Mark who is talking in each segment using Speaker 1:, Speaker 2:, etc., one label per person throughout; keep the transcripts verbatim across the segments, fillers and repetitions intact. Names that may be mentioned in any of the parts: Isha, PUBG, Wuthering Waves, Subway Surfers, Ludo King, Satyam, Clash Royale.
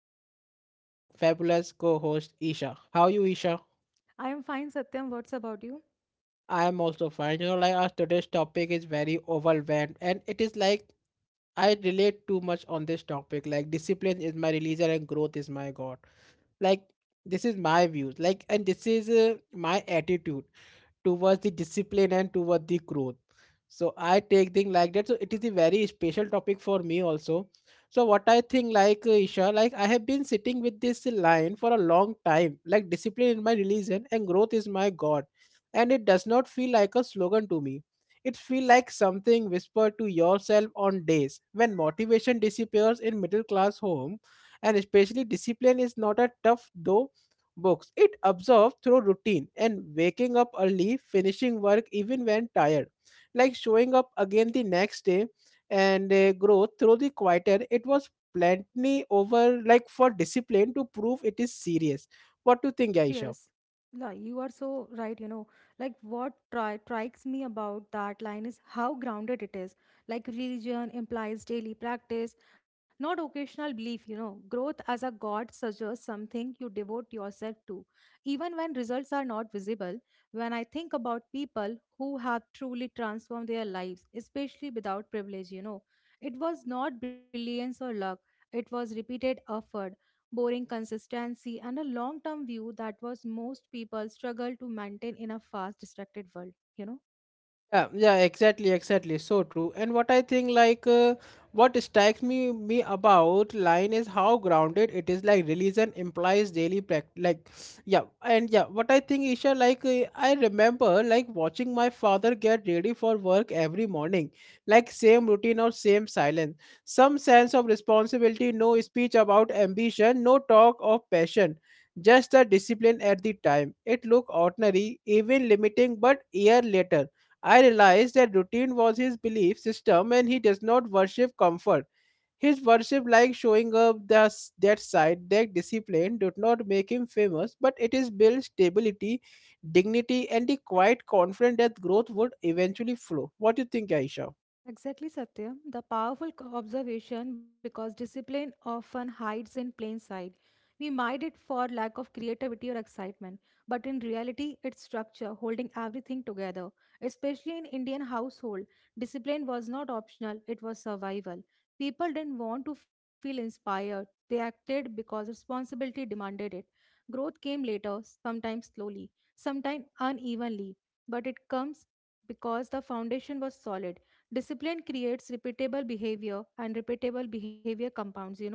Speaker 1: and with me is our fabulous co-host Isha. How are you Isha?
Speaker 2: I am fine, Satyam. What's about you?
Speaker 1: I am also fine. You know like our today's topic is very overwhelmed and it is like I relate too much on this topic. Like discipline is my religion and growth is my God. Like this is my views. Like and this is uh, my attitude. Towards the discipline and towards the growth so I take things like that so it is a very special topic for me also so what I think like uh, isha like I have been sitting with this line for a long time like discipline is my religion and growth is my god and it does not feel like a slogan to me it feels like something whispered to yourself on days when motivation disappears in middle class home and especially discipline is not a tough though books. It absorbs through routine and waking up early, finishing work even when tired, like showing up again the next day and uh, growth through the quieter. It was plenty over like for discipline to prove it is serious. What do you think, Aisha?
Speaker 2: Serious. Like, you are so right, you know. Like, what tri strikes me about that line is how grounded it is. Like, religion implies daily practice, not occasional belief, you know. Growth as a god suggests something you devote yourself to, even when results are not visible. When I think about people who have truly transformed their lives, especially without privilege, you know, it was not brilliance or luck, it was repeated effort boring consistency, and a long term view that was most people struggle to maintain in a fast, distracted world, you know?
Speaker 1: Yeah, yeah, exactly, exactly. So true. And what I think, like, uh, what strikes me me about line is how grounded it is. Like, religion implies daily practice. Like, yeah, and yeah, what I think, Isha, like, uh, I remember like watching my father get ready for work every morning, like same routine or same silence, some sense of responsibility, no speech about ambition, no talk of passion. Just the discipline at the time. It looked ordinary, even limiting, but year later I realized that routine was his belief system and he does not worship comfort. His worship like showing up thus that side, that discipline did not make him famous, but it is built stability, dignity, and the quiet confidence that growth would eventually flow. What do you think, Aisha?
Speaker 2: Exactly, Satyam. The powerful co- observation because discipline often hides in plain sight. We mide it for lack of creativity or excitement, but in reality, its structure holding everything together. Especially in Indian household, discipline was not optional; it was survival. People didn't want to feel inspired; they acted because responsibility demanded it. Growth came later, sometimes slowly, sometimes unevenly, but it comes because the foundation was solid. Discipline creates repeatable behavior, and repeatable behavior compounds, you know.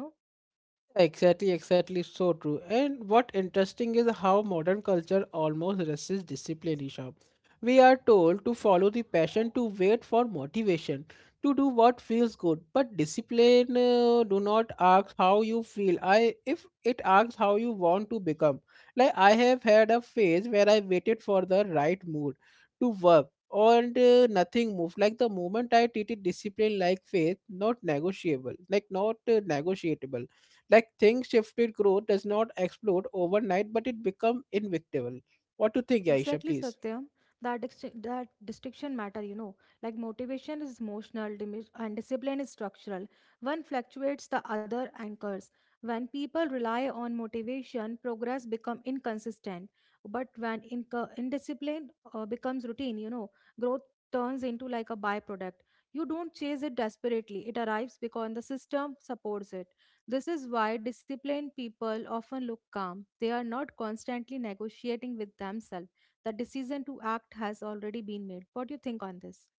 Speaker 1: Exactly, exactly, so true. And what interesting is how modern culture almost resists discipline, Isha. We are told to follow the passion, to wait for motivation, to do what feels good. But discipline uh, do not ask how you feel. I if it asks how you want to become. Like I have had a phase where I waited for the right mood to work. And uh, nothing moved. Like the moment I treated discipline like faith, not negotiable, like not uh, negotiable like things shifted growth does not explode overnight, but it become inevitable. What do you think, Aisha,
Speaker 2: Exactly,
Speaker 1: please?
Speaker 2: Satyam. That disti- that distinction matter, you know. Like motivation is emotional, dimi- and discipline is structural. One fluctuates, the other anchors. When people rely on motivation, progress become inconsistent. But when inco- indiscipline uh, becomes routine, you know, growth turns into like a byproduct. You don't chase it desperately; it arrives because the system supports it. This is why disciplined people often look calm. They are not constantly negotiating with themselves. The decision to act has already been made. What do you think on this?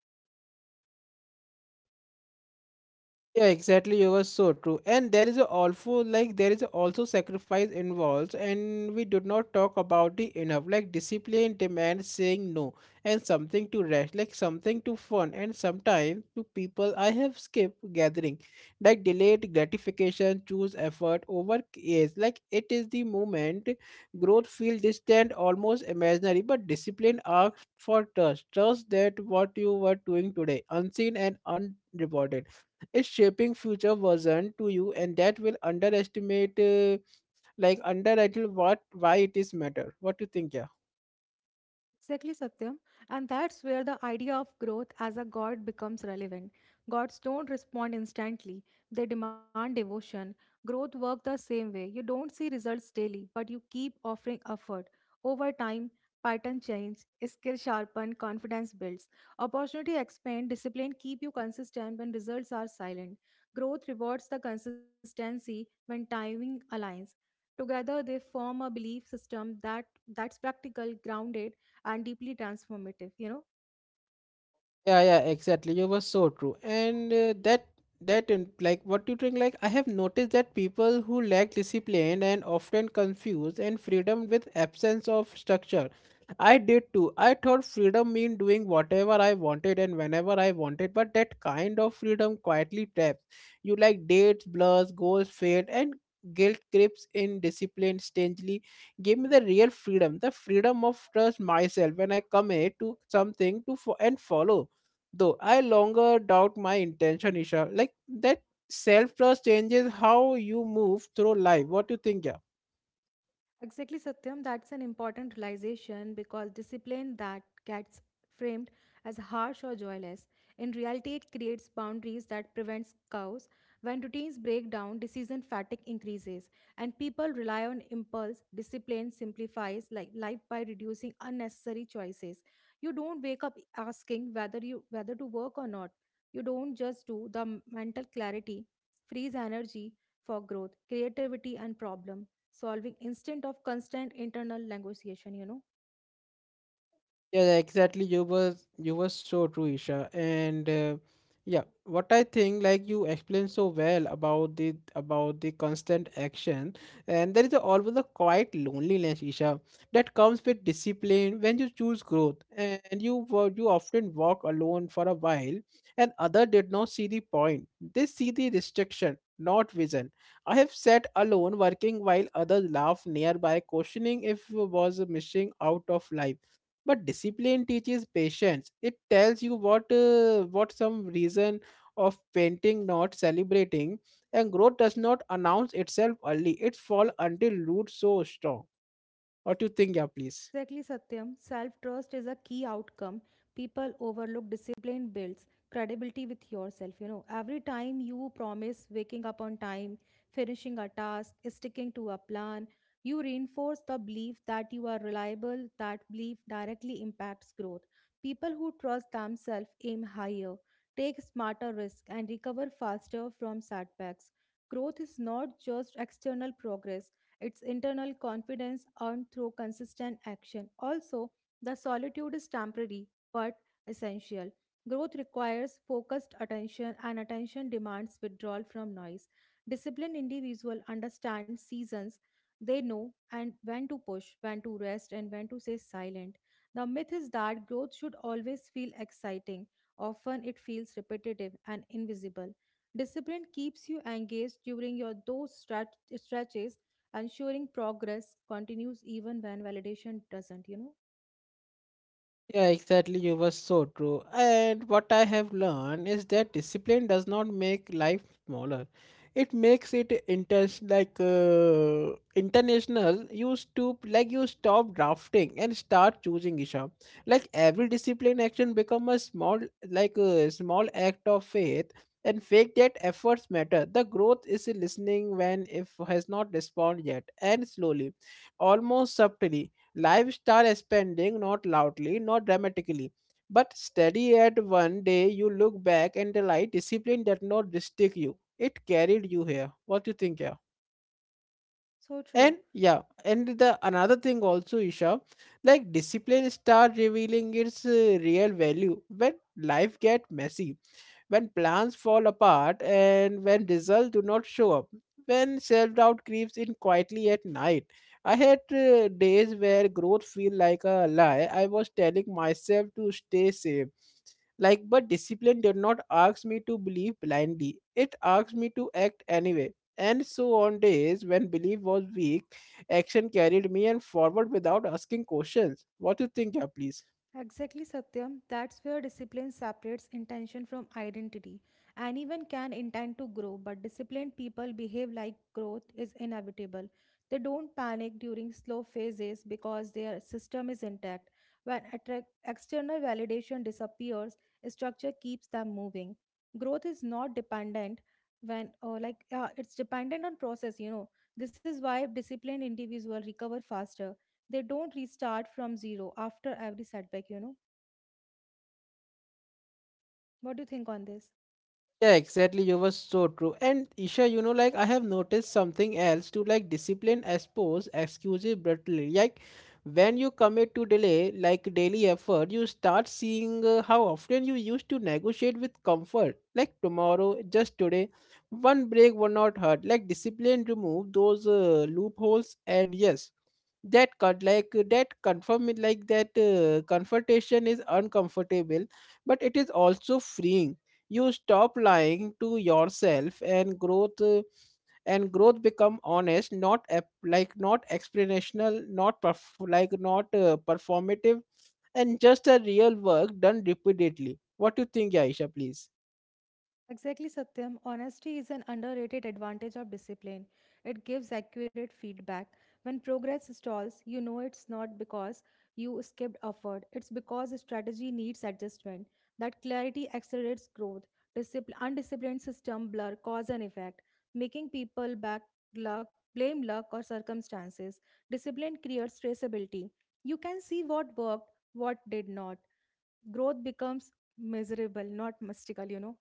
Speaker 1: Yeah, exactly. You were so true. And there is a also like there is a also sacrifice involved, and we did not talk about it enough. Like discipline demands saying no and something to rest, like something to fun, and sometimes to people I have skipped gathering, like delayed gratification, choose effort over is like it is the moment growth feel distant, almost imaginary. But discipline asks for trust, trust that what you were doing today, unseen and unrewarded is shaping future version to you and that will underestimate uh, like underrated what why it is matter what do you think yeah
Speaker 2: Exactly, Satyam. And that's where the idea of growth as a god becomes relevant. Gods don't respond instantly, they demand devotion. Growth works the same way. You don't see results daily, but you keep offering effort. Over time, pattern change, skill sharpen, confidence builds. Opportunity expand, discipline keep you consistent when results are silent. Growth rewards the consistency when timing aligns. Together, they form a belief system that that's practical, grounded, and deeply transformative you know
Speaker 1: Yeah, yeah, exactly. You were so true. And uh, that that in- like what you think like I have noticed that people who lack discipline and often confuse and freedom with absence of structure. I did too. I thought freedom mean doing whatever I wanted and whenever I wanted, but that kind of freedom quietly traps you like dates, blurs, goals fade, and guilt creeps in discipline strangely gave me the real freedom the freedom of trust myself when I commit to something to fo- and follow though I longer doubt my intention, Isha. Like that self trust changes how you move through life. What do you think, yeah?
Speaker 2: Exactly, Satyam. That's an important realization because discipline that gets framed as harsh or joyless. In reality, it creates boundaries that prevents chaos. When routines break down, decision fatigue increases, and people rely on impulse. Discipline simplifies like life by reducing unnecessary choices. You don't wake up asking whether you whether to work or not. You don't just do. The mental clarity frees energy for growth, creativity, and problem solving instead of constant internal negotiation you know
Speaker 1: Yeah, yeah, exactly. You was you was so true, Isha. And uh, yeah, what I think, like you explained so well about the about the constant action, and there is a, always a quiet loneliness, Isha, that comes with discipline when you choose growth, and you wo- you often walk alone for a while, and other did not see the point. They see the restriction, not vision. I have sat alone working while others laugh nearby, questioning if was missing out of life but discipline teaches patience it tells you what uh, what some reason of painting not celebrating and growth does not announce itself early it fall until roots so strong what do you think yeah please
Speaker 2: Exactly, Satyam. Self trust is a key outcome. People overlook discipline builds credibility with yourself. You know, every time you promise waking up on time, finishing a task, sticking to a plan, you reinforce the belief that you are reliable. That belief directly impacts growth. People who trust themselves aim higher, take smarter risks, and recover faster from setbacks. Growth is not just external progress, it's internal confidence earned through consistent action. Also, the solitude is temporary but essential. Growth requires focused attention, and attention demands withdrawal from noise. Disciplined individual understand seasons. They know and when to push, when to rest, and when to stay silent. The myth is that growth should always feel exciting. Often it feels repetitive and invisible. Discipline keeps you engaged during your those stretch- stretches, ensuring progress continues even when validation doesn't you know
Speaker 1: Yeah, exactly. You were so true. And what I have learned is that discipline does not make life smaller. It makes it intense, like uh, international. You stoop, like you stop drafting and start choosing, Isha. Like every discipline action become a small, like a small act of faith, and faith that efforts matter. The growth is listening when if has not responded yet, and slowly, almost subtly Lifestyle spending, not loudly, not dramatically, but steady at one day you look back and realize discipline did not restrict you. It carried you here. What do you think, yeah?
Speaker 2: So true.
Speaker 1: And yeah, and the another thing also, Isha, like discipline start revealing its uh, real value when life get messy when plans fall apart and when results do not show up when self-doubt creeps in quietly at night I had uh, days where growth feel like a lie I was telling myself to stay safe like but discipline did not ask me to believe blindly it asked me to act anyway and so on days when belief was weak action carried me and forward without asking questions what do you think yeah please
Speaker 2: Exactly, Satyam. That's where discipline separates intention from identity. Anyone can intend to grow, but disciplined people behave like growth is inevitable. They don't panic during slow phases because their system is intact. When attract- external validation disappears, structure keeps them moving. Growth is not dependent when or like yeah, it's dependent on process you know This is why disciplined individuals recover faster. They don't restart from zero after every setback you know What do you think on this?
Speaker 1: Yeah, exactly. You were so true. And Isha, you know, like I have noticed something else to like discipline expose excuses brutally. Like when you commit to delay, like daily effort, you start seeing uh, how often you used to negotiate with comfort. Like tomorrow, just today, one break would not hurt. Like discipline remove those uh, loopholes, and yes, that cut like that confirm it like that uh, confrontation is uncomfortable, but it is also freeing you stop lying to yourself and growth uh, and growth become honest not ap- like not explanational not perf- like not uh, performative and just a real work done repeatedly what do you think aisha please
Speaker 2: Exactly, Satyam. Honesty is an underrated advantage of discipline. It gives accurate feedback. When progress stalls, you know it's not because you skipped effort, it's because strategy needs adjustment. That clarity accelerates growth. Discipl- undisciplined system blur cause and effect, making people back luck, blame luck or circumstances. Discipline creates traceability. You can see what worked, what did not. Growth becomes miserable, not mystical, you know.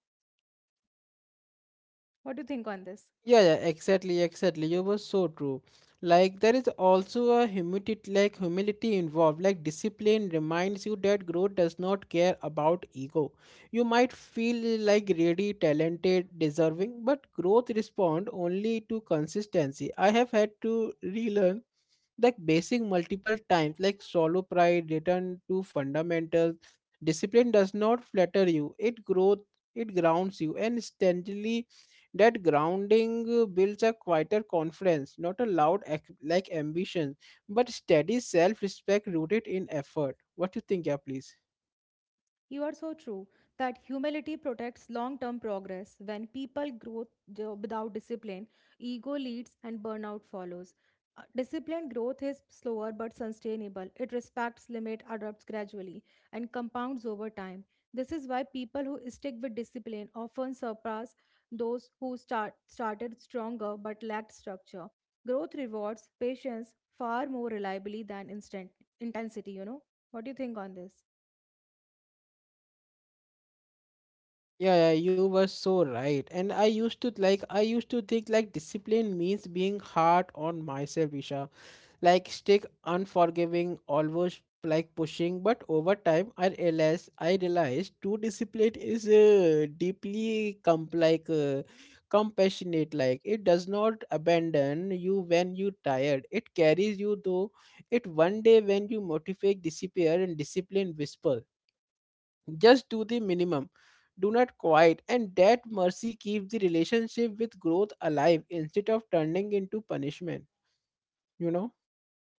Speaker 2: What do you think on this?
Speaker 1: Yeah, yeah, exactly, exactly. You were so true. Like there is also a humility, like humility involved. Like discipline reminds you that growth does not care about ego. You might feel like really talented, deserving, but growth respond only to consistency. I have had to relearn like basic multiple times like solo pride return to fundamentals discipline does not flatter you it growth it grounds you and steadily that grounding uh, builds a quieter confidence not a loud ac- like ambition but steady self-respect rooted in effort what do you think yeah please
Speaker 2: You are so true that humility protects long term progress. When people grow jo- without discipline, ego leads and burnout follows. Uh, Disciplined growth is slower but sustainable. It respects limit, adapts gradually, and compounds over time. This is why people who stick with discipline often surpass those who start, started stronger but lacked structure. Growth rewards patience far more reliably than instant intensity, you know. What do you think on this?
Speaker 1: Yeah, yeah, you were so right. And I used to like I used to think like discipline means being hard on myself, Isha. Like stick unforgiving, always like pushing. But over time I realized I realized true discipline is uh, deeply com like uh, compassionate. Like it does not abandon you when you tired. It carries you though it one day when you motivate disappear and discipline whisper just do the minimum do not quiet and that mercy keeps the relationship with growth alive instead of turning into punishment you know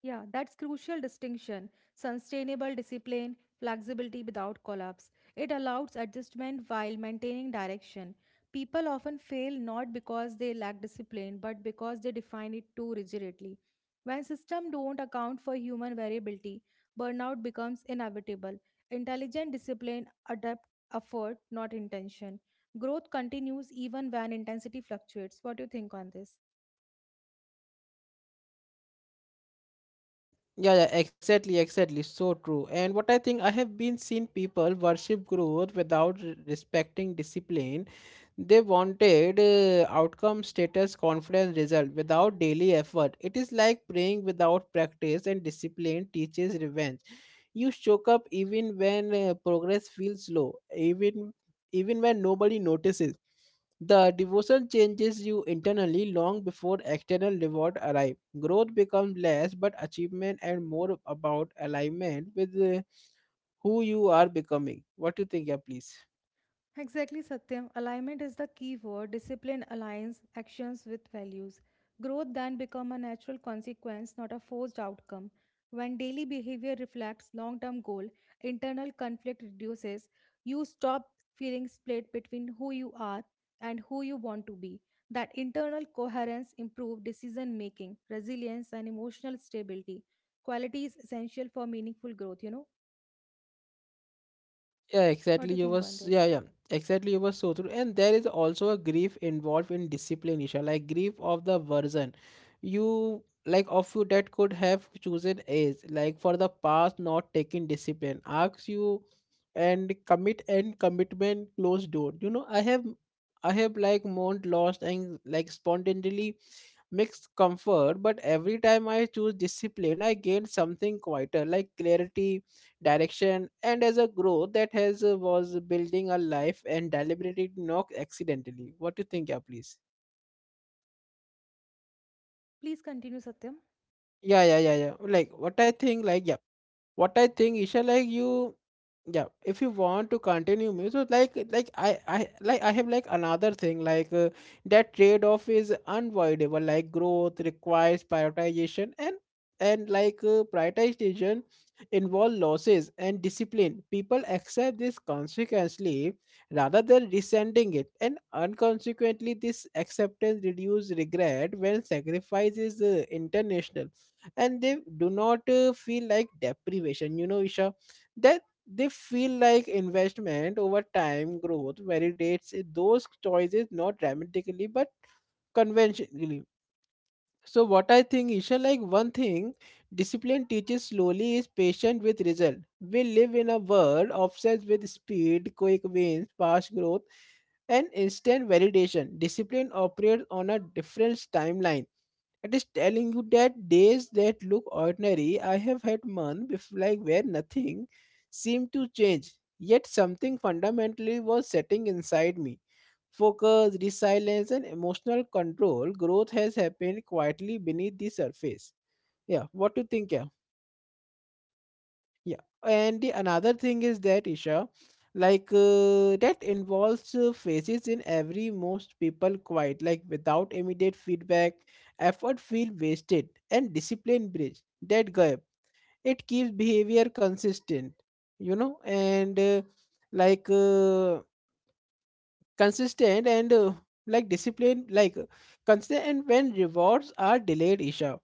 Speaker 2: Yeah, that's crucial distinction. Sustainable discipline, flexibility without collapse. It allows adjustment while maintaining direction. People often fail not because they lack discipline, but because they define it too rigidly. When systems don't account for human variability, burnout becomes inevitable. Intelligent discipline adapt effort, not intention. Growth continues even when intensity fluctuates. What do you think on this?
Speaker 1: Mm, yeah, yeah exactly exactly so true and what I think I have been seen people worship growth without re- respecting discipline they wanted uh, outcome status confidence result without daily effort it is like praying without practice and discipline teaches revenge You show up even when uh, progress feels slow, even even when nobody notices. The devotion changes you internally long before external reward arrive. Growth becomes less but achievement and more about alignment with uh, who you are becoming. What do you think, yeah, please?
Speaker 2: Exactly, Satyam. Alignment is the key word. Discipline aligns actions with values. Growth then becomes a natural consequence, not a forced outcome. When daily behavior reflects long-term goal, internal conflict reduces. You stop feeling split between who you are and who you want to be. That internal coherence improves decision making, resilience, and emotional stability. Quality is essential for meaningful growth. You know
Speaker 1: Yeah,
Speaker 2: what
Speaker 1: exactly.
Speaker 2: do you
Speaker 1: You
Speaker 2: think on
Speaker 1: was
Speaker 2: this?
Speaker 1: yeah, yeah. Exactly, you were so true. And there is also a grief involved in discipline, Isha, like grief of the version. You like of you that could have chosen age, like for the past not taking discipline. Asks you and commit and commitment closed door. You know, I have I have like mourned lost and like spontaneously mixed comfort, but every time I choose discipline, I gain something quieter, like clarity direction and as a growth that has uh, was building a life and deliberately not accidentally. What do you think? Yeah, please.
Speaker 2: Please continue, Satyam.
Speaker 1: Yeah, yeah, yeah, yeah, like what I think, like yeah. What I think, Isha, like you, yeah, if you want to continue me so like like I I like I have like another thing like uh, that trade off is unavoidable, like growth requires prioritization, and and like uh, prioritization involve losses and discipline people accept this consequently rather than resenting it and unconsequently this acceptance reduces regret when sacrifice is uh, international and they do not uh, feel like deprivation, you know, Isha, that they feel like investment over time growth validates those choices, not dramatically but conventionally. So what I think, Isha, like one thing discipline teaches slowly is patient with result. We live in a world obsessed with speed, quick wins, fast growth, and instant validation. Discipline operates on a different timeline. It is telling you that days that look ordinary, I have had months before, like where nothing seemed to change, yet something fundamentally was setting inside me focus, resilience, and emotional control, growth has happened quietly beneath the surface. Yeah, what do you think? Yeah, yeah. And the another thing is that, Isha, like uh, that involves uh, phases in every most people quite like without immediate feedback, effort feel wasted, and discipline bridge that gap. It keeps behavior consistent, you know, and uh, like. Uh, consistent and uh, like discipline like uh, consistent, and when rewards are delayed, Isha,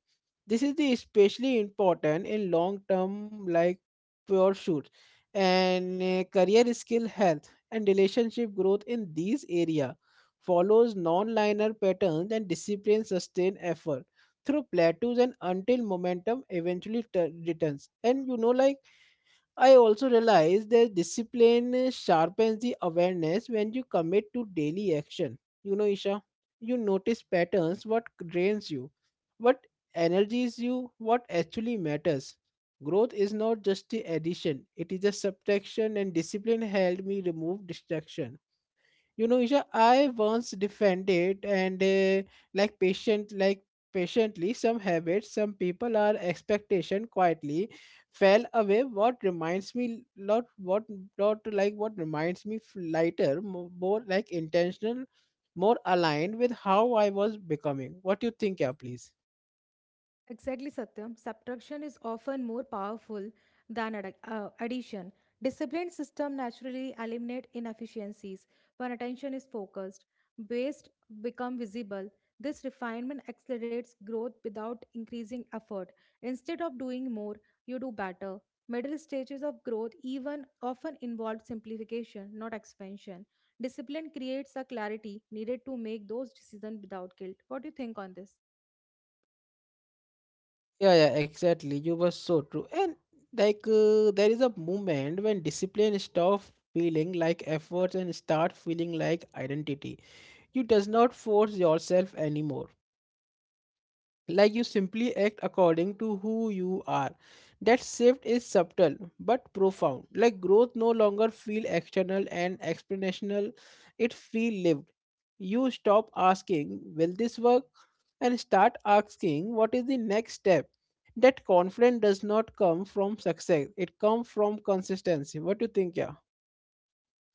Speaker 1: this is the especially important in long term like pursuits and uh, career skill health and relationship growth in these area follows non-linear patterns and discipline sustain effort through plateaus and until momentum eventually tu- returns. And you know, like I also realize that discipline sharpens the awareness when you commit to daily action. You know, Isha, you notice patterns, what drains you, what energies you, what actually matters. Growth is not just the addition, it is a subtraction, and discipline helped me remove distraction. You know, Isha, I once defended and uh, like patient, like patiently some habits, some people are expectation quietly fell away. What reminds me lot, what lot like what reminds me f- lighter, mo- more like intentional, more aligned with how I was becoming. What do you think, yeah, please?
Speaker 2: Exactly, Satyam. Subtraction is often more powerful than ad- uh, addition. Disciplined system naturally eliminate inefficiencies when attention is focused, waste become visible. This refinement accelerates growth without increasing effort. Instead of doing more, you do better. Middle stages of growth even often involve simplification, not expansion. Discipline creates a clarity needed to make those decisions without guilt. What do you think on this?
Speaker 1: Yeah, yeah, exactly. You were so true. And like uh, there is a moment when discipline stop feeling like efforts and start feeling like identity. You does not force yourself anymore. Like you simply act according to who you are. That shift is subtle but profound. Like growth no longer feel external and explanational. It feel lived. You stop asking, will this work? And start asking, what is the next step? That confidence does not come from success. It comes from consistency. What do you think, yeah?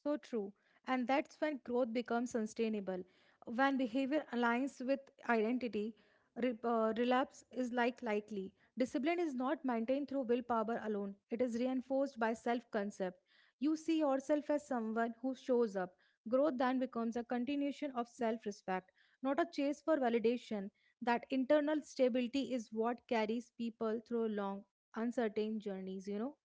Speaker 2: So true. And that's when growth becomes sustainable. When behavior aligns with identity, re- uh, relapse is like likely. Discipline is not maintained through willpower alone. It is reinforced by self-concept. You see yourself as someone who shows up. Growth then becomes a continuation of self-respect, not a chase for validation. That internal stability is what carries people through long, uncertain journeys, you know?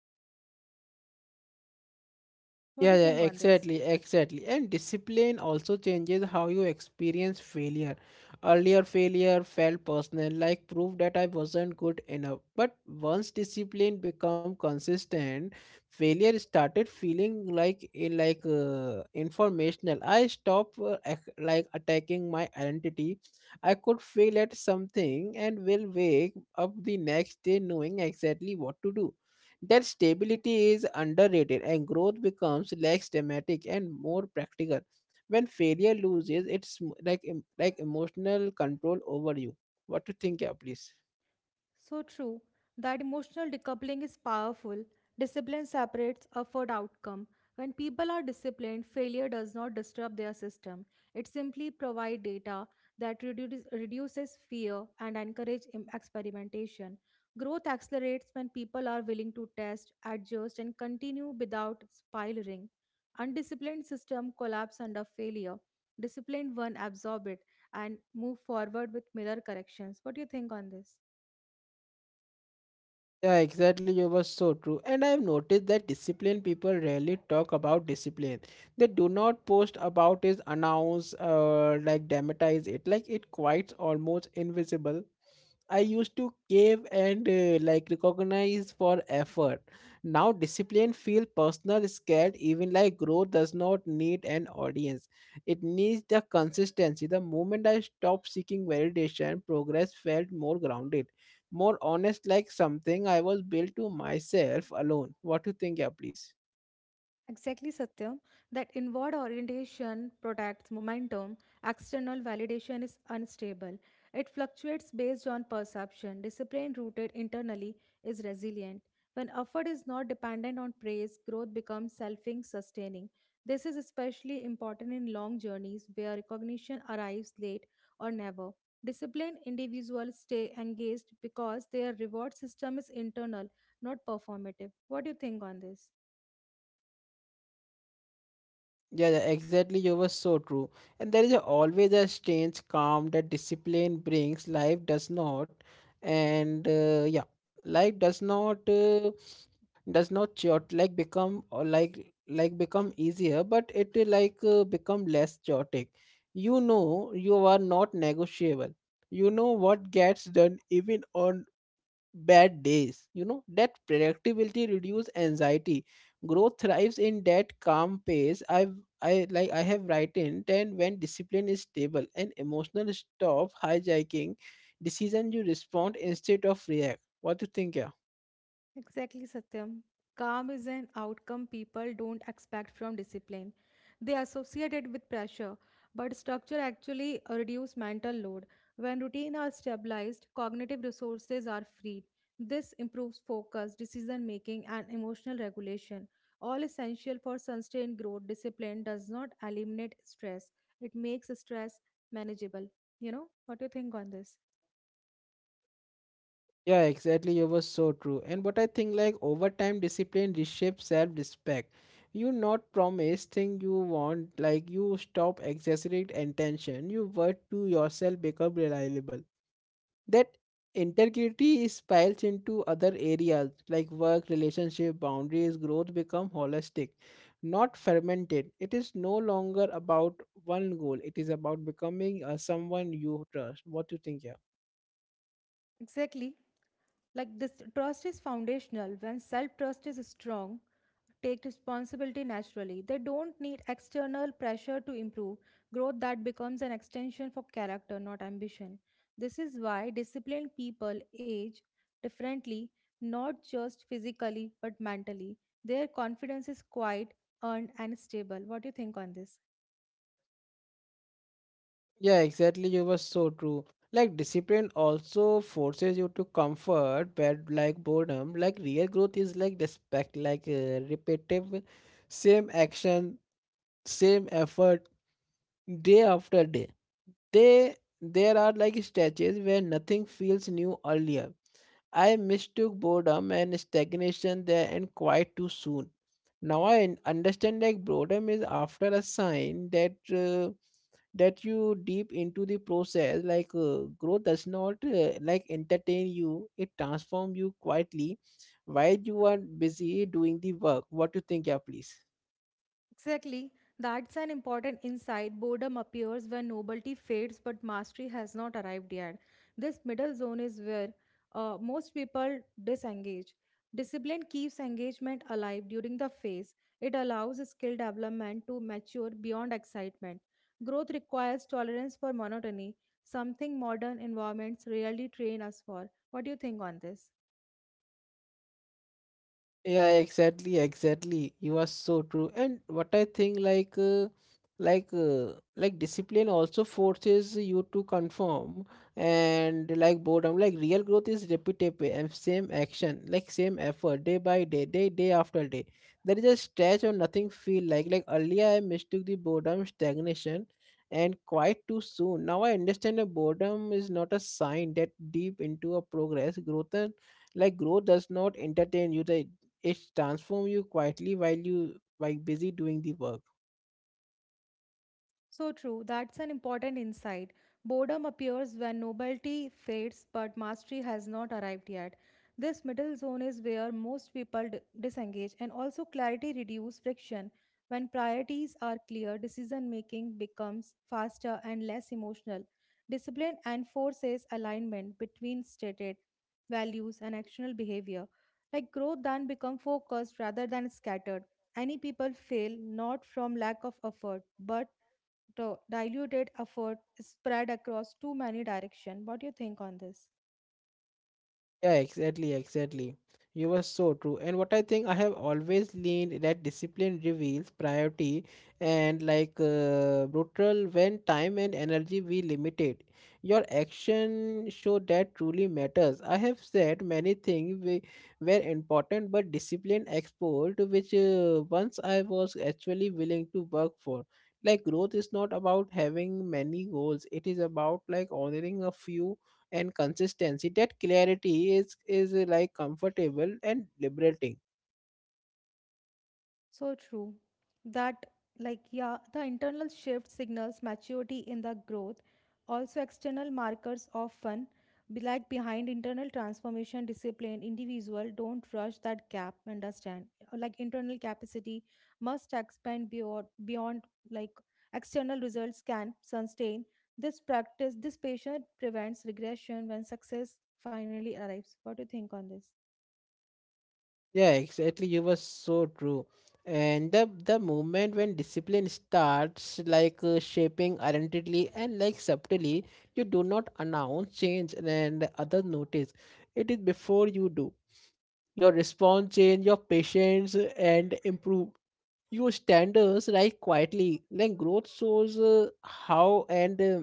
Speaker 2: What do
Speaker 1: Yeah,
Speaker 2: you
Speaker 1: yeah,
Speaker 2: think on this?
Speaker 1: exactly, exactly. And discipline also changes how you experience failure. Earlier, failure felt personal, like proof that I wasn't good enough. But once discipline become consistent, failure started feeling like eh, like uh, informational. I stopped uh, ac- like attacking my identity. I could fail at something and will wake up the next day knowing exactly what to do. That stability is underrated and growth becomes less dramatic and more practical. When failure loses, it's m- like em- like emotional control over you. What to think, yeah, please?
Speaker 2: So true. That emotional decoupling is powerful. Discipline separates effort outcome. When people are disciplined, failure does not disturb their system. It simply provides data that reduces, reduces fear and encourages experimentation. Growth accelerates when people are willing to test, adjust, and continue without spiraling. Undisciplined system collapse under failure. Disciplined one absorb it and move forward with mirror corrections. What do you think on this?
Speaker 1: Yeah, exactly. You were so true. And I've noticed that disciplined people rarely talk about discipline. They do not post about it, announce, uh, like dramatize it. Like it quite almost invisible. I used to cave and uh, like recognize for effort. Now discipline feel personal scared even, like growth does not need an audience. It needs the consistency. The moment I stopped seeking validation, progress felt more grounded, more honest, like something I was built to myself alone. What do you think, yeah, please?
Speaker 2: Exactly, Satyam, that inward orientation protects momentum, external validation is unstable. It fluctuates based on perception. Discipline rooted internally is resilient. When effort is not dependent on praise, growth becomes selfing sustaining. This is especially important in long journeys where recognition arrives late or never. Disciplined individuals stay engaged because their reward system is internal, not performative. What do you think on this?
Speaker 1: Yeah, yeah, exactly. You were so true. And there is a, always a strange calm that discipline brings. Life does not, and uh, yeah, life does not uh, does not chaotic like become or like like become easier, but it uh, like uh, become less chaotic. You know, you are not negotiable. You know what gets done even on bad days. You know, that predictability reduce anxiety. Growth thrives in that calm pace. I've I like I have written, and when discipline is stable and emotional stop hijacking decision, you respond instead of react. What do you think, yeah?
Speaker 2: Exactly, Satyam. Calm is an outcome people don't expect from discipline. They associate it with pressure, but structure actually reduces mental load. When routine are stabilized, cognitive resources are freed. This improves focus, decision making, and emotional regulation. All essential for sustained growth. Discipline does not eliminate stress; it makes stress manageable. You know what do you think on this?
Speaker 1: Yeah, exactly. It was so true. And what I think, like over time, discipline reshapes self-respect. You not promise thing you want, like you stop exaggerate attention. You work to yourself become reliable. That integrity spills into other areas like work relationship boundaries. Growth become holistic, not fermented. It is no longer about one goal, it is about becoming uh, someone you trust. What do you think, yeah?
Speaker 2: Exactly. Like this trust is foundational. When self trust is strong, take responsibility naturally. They don't need external pressure to improve. Growth that becomes an extension for character, not ambition. This is why disciplined people age differently, not just physically but mentally. Their confidence is quite earned and stable. What do you think on this?
Speaker 1: Yeah, exactly, you were so true. Like discipline also forces you to comfort, but like boredom, like real growth is like respect, like uh, repetitive same action, same effort, day after day. They there are like stretches where nothing feels new. Earlier, I mistook boredom and stagnation there and quite too soon. Now I un- understand like boredom is after a sign that uh, that you deep into the process, like uh, growth does not uh, like entertain you, it transforms you quietly while you are busy doing the work. What do you think, yeah, please?
Speaker 2: Exactly. That's an important insight. Boredom appears when novelty fades, but mastery has not arrived yet. This middle zone is where uh, most people disengage. Discipline keeps engagement alive during the phase. It allows skill development to mature beyond excitement. Growth requires tolerance for monotony, something modern environments rarely train us for. What do you think on this?
Speaker 1: Yeah, exactly, exactly, you are so true. And what I think, like uh, like uh, like discipline also forces you to conform, and like boredom, like real growth is repetitive and same action, like same effort, day by day, day day after day. There is a stretch or nothing feel like like earlier. I mistook the boredom stagnation and quite too soon. Now I understand that boredom is not a sign that deep into a progress growth, and like growth does not entertain you, the it transforms you quietly while you while busy doing the work.
Speaker 2: So true, that's an important insight. Boredom appears when novelty fades, but mastery has not arrived yet. This middle zone is where most people d- disengage, and also clarity reduces friction. When priorities are clear, decision making becomes faster and less emotional. Discipline enforces alignment between stated values and actional behavior. Like growth then become focused rather than scattered. Any people fail not from lack of effort, but the diluted effort is spread across too many directions. What do you think on this?
Speaker 1: Yeah, exactly, exactly. You were so true. And what I think, I have always leaned that discipline reveals priority and like uh, brutal when time and energy we limited. Your action show that truly matters. I have said many things we were important, but discipline exposed which uh, once I was actually willing to work for. Like growth is not about having many goals. It is about like honoring a few and consistency. That clarity is is uh, like comfortable and liberating.
Speaker 2: So true. That, like, yeah, the internal shift signals maturity in the growth. Also, external markers often be like behind internal transformation. Discipline individual don't rush that gap. Understand like internal capacity must expand beyond beyond like external results can sustain. This practice, this patient prevents regression when success finally arrives. What do you think on this?
Speaker 1: Yeah, exactly, you were so true. And the the moment when discipline starts like uh, shaping identity and like subtly, you do not announce change, and, and others notice it is before you do. Your response change, your patience uh, and improve your standards like quietly. Like growth shows uh, how and uh,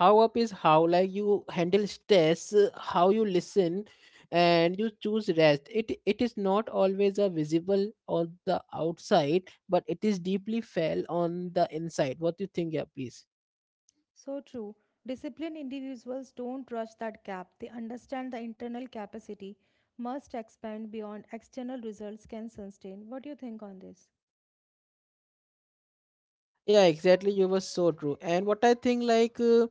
Speaker 1: how up is how like you handle stress, uh, how you listen and you choose rest. It it is not always a visible on the outside, but it is deeply felt on the inside. What do you think, yeah, please?
Speaker 2: So true. Disciplined individuals don't rush that gap. They understand the internal capacity must expand beyond external results can sustain. What do you think on this?
Speaker 1: Yeah, exactly, you were so true. And what I think, like uh,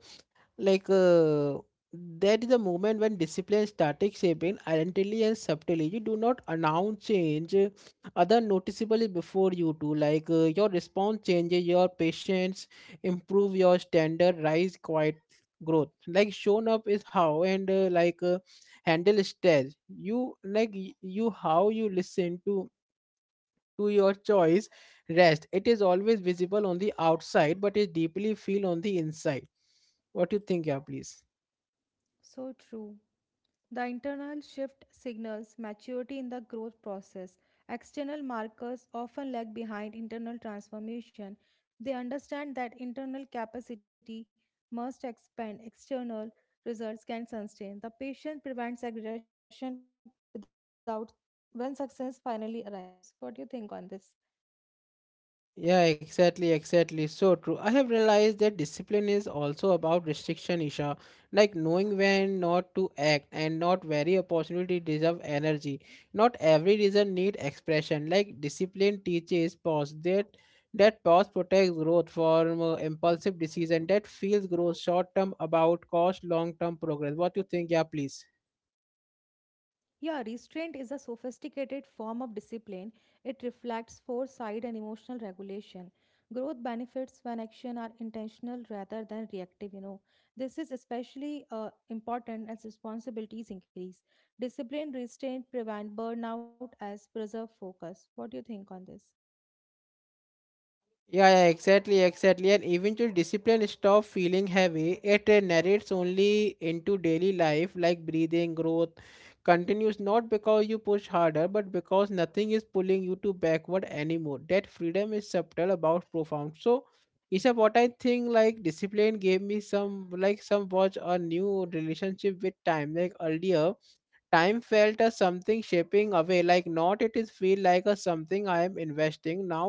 Speaker 1: like uh, that is the moment when discipline started shaping identity and subtly, you do not announce change. Uh, other noticeably before you do, like uh, your response changes, your patience improve, your standard rise quite. Growth like shown up is how and uh, like uh, handle stress, you like y- you how you listen to to your choice rest. It is always visible on the outside but is deeply feel on the inside. What do you think, yeah, please?
Speaker 2: So true. The internal shift signals maturity in the growth process. External markers often lag behind internal transformation. They understand that internal capacity must expand, external results can sustain. The patient prevents aggression without when success finally arrives. What do you think on this?
Speaker 1: Yeah, exactly, exactly. So true. I have realized that discipline is also about restriction, Isha. Like knowing when not to act and not very opportunity deserve energy. Not every reason need expression. Like discipline teaches pause. That that pause protects growth from uh, impulsive decision that feels growth short term about cost long term progress. What you think? Yeah, please.
Speaker 2: Yeah, restraint is a sophisticated form of discipline. It reflects foresight and emotional regulation. Growth benefits when action are intentional rather than reactive, you know. This is especially uh, important as responsibilities increase. Discipline restraint prevent burnout as preserve focus. What do you think on this?
Speaker 1: Yeah, yeah, exactly, exactly. And eventually, discipline stop feeling heavy. It uh, narrates only into daily life, like breathing, growth continues not because you push harder, but because nothing is pulling you to backward anymore. That freedom is subtle about profound. So, is what I think. Like discipline gave me some, like some watch a new relationship with time. Like earlier, time felt as something shaping away, like not, it is feel like a something I am investing now.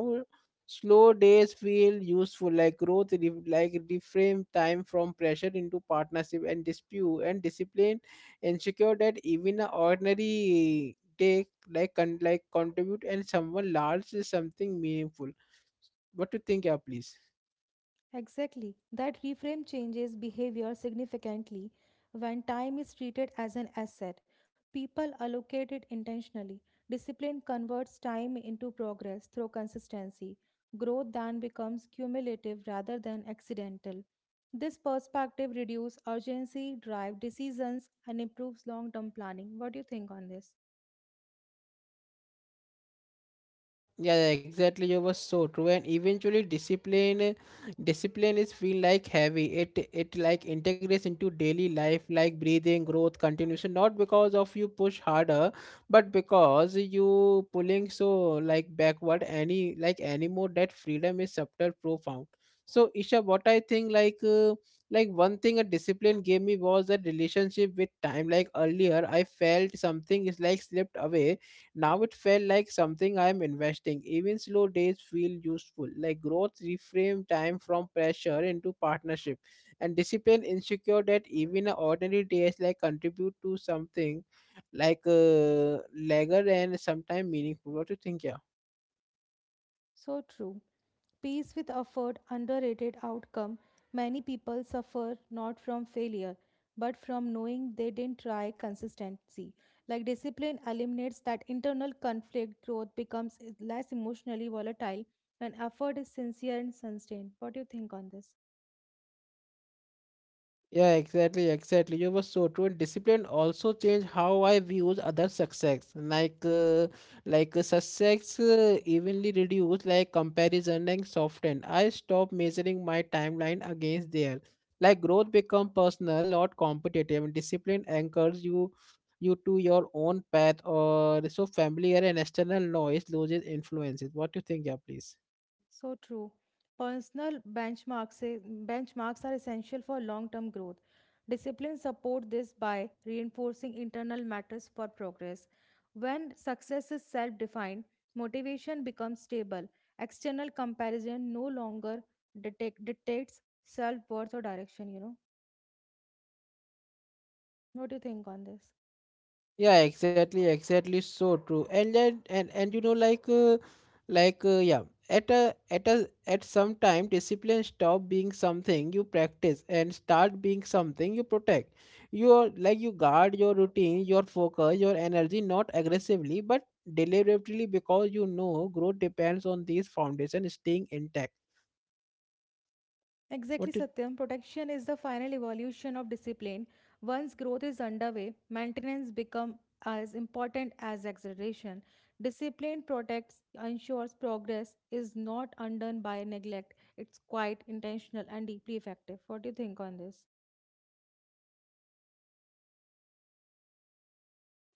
Speaker 1: Slow days feel useful, like growth re- like reframe time from pressure into partnership, and dispute and discipline ensure that even an ordinary day like con- like contribute and someone large is something meaningful. What do you think, yeah, please?
Speaker 2: Exactly. That reframe changes behavior significantly when time is treated as an asset. People allocate it intentionally. Discipline converts time into progress through consistency. Growth then becomes cumulative rather than accidental. This perspective reduces urgency, drive decisions, and improves long term planning. What do you think on this?
Speaker 1: Yeah, yeah, exactly. You were so true. And eventually, discipline, eh, discipline is feel like heavy. It it like integrates into daily life, like breathing, growth, continuation. Not because of you push harder, but because you pulling so like backward. Any like anymore that freedom is subtle, profound. So, Isha, what I think, like uh, like one thing a discipline gave me was a relationship with time. Like earlier, I felt something is like slipped away, now it felt like something I am investing. Even slow days feel useful. Like growth reframe time from pressure into partnership. And discipline insecure that even a ordinary days like contribute to something like uh, leisure and sometimes meaningful. What do you think, yeah?
Speaker 2: So true. Peace with effort, underrated outcome. Many people suffer not from failure, but from knowing they didn't try consistency. Like discipline eliminates that internal conflict, growth becomes less emotionally volatile, and effort is sincere and sustained. What do you think on this?
Speaker 1: Yeah, exactly, exactly. You were so true. And discipline also changed how I views other success. Like, uh, like uh, success uh, evenly reduced, like comparison and softened. I stopped measuring my timeline against there. Like growth become personal, not competitive. And discipline anchors you, you to your own path, or so familiar and external noise loses influences. What do you think, yeah, please?
Speaker 2: So true. Personal benchmarks, i- benchmarks are essential for long term growth. Discipline support this by reinforcing internal matters for progress. When success is self defined, motivation becomes stable. External comparison no longer detect, dictates self worth or direction, you know. What do you think on this?
Speaker 1: Yeah, exactly, exactly, so true. And then and and you know like uh, like uh, yeah at a at a at some time discipline stop being something you practice and start being something you protect your like you guard your routine, your focus, your energy, not aggressively but deliberately, because you know growth depends on these foundations staying intact.
Speaker 2: Exactly,
Speaker 1: What do you?
Speaker 2: Satyam. Protection is the final evolution of discipline. Once growth is underway, maintenance becomes as important as acceleration. Discipline protects, ensures progress is not undone by neglect. It's quite intentional and deeply effective. What do you think on this?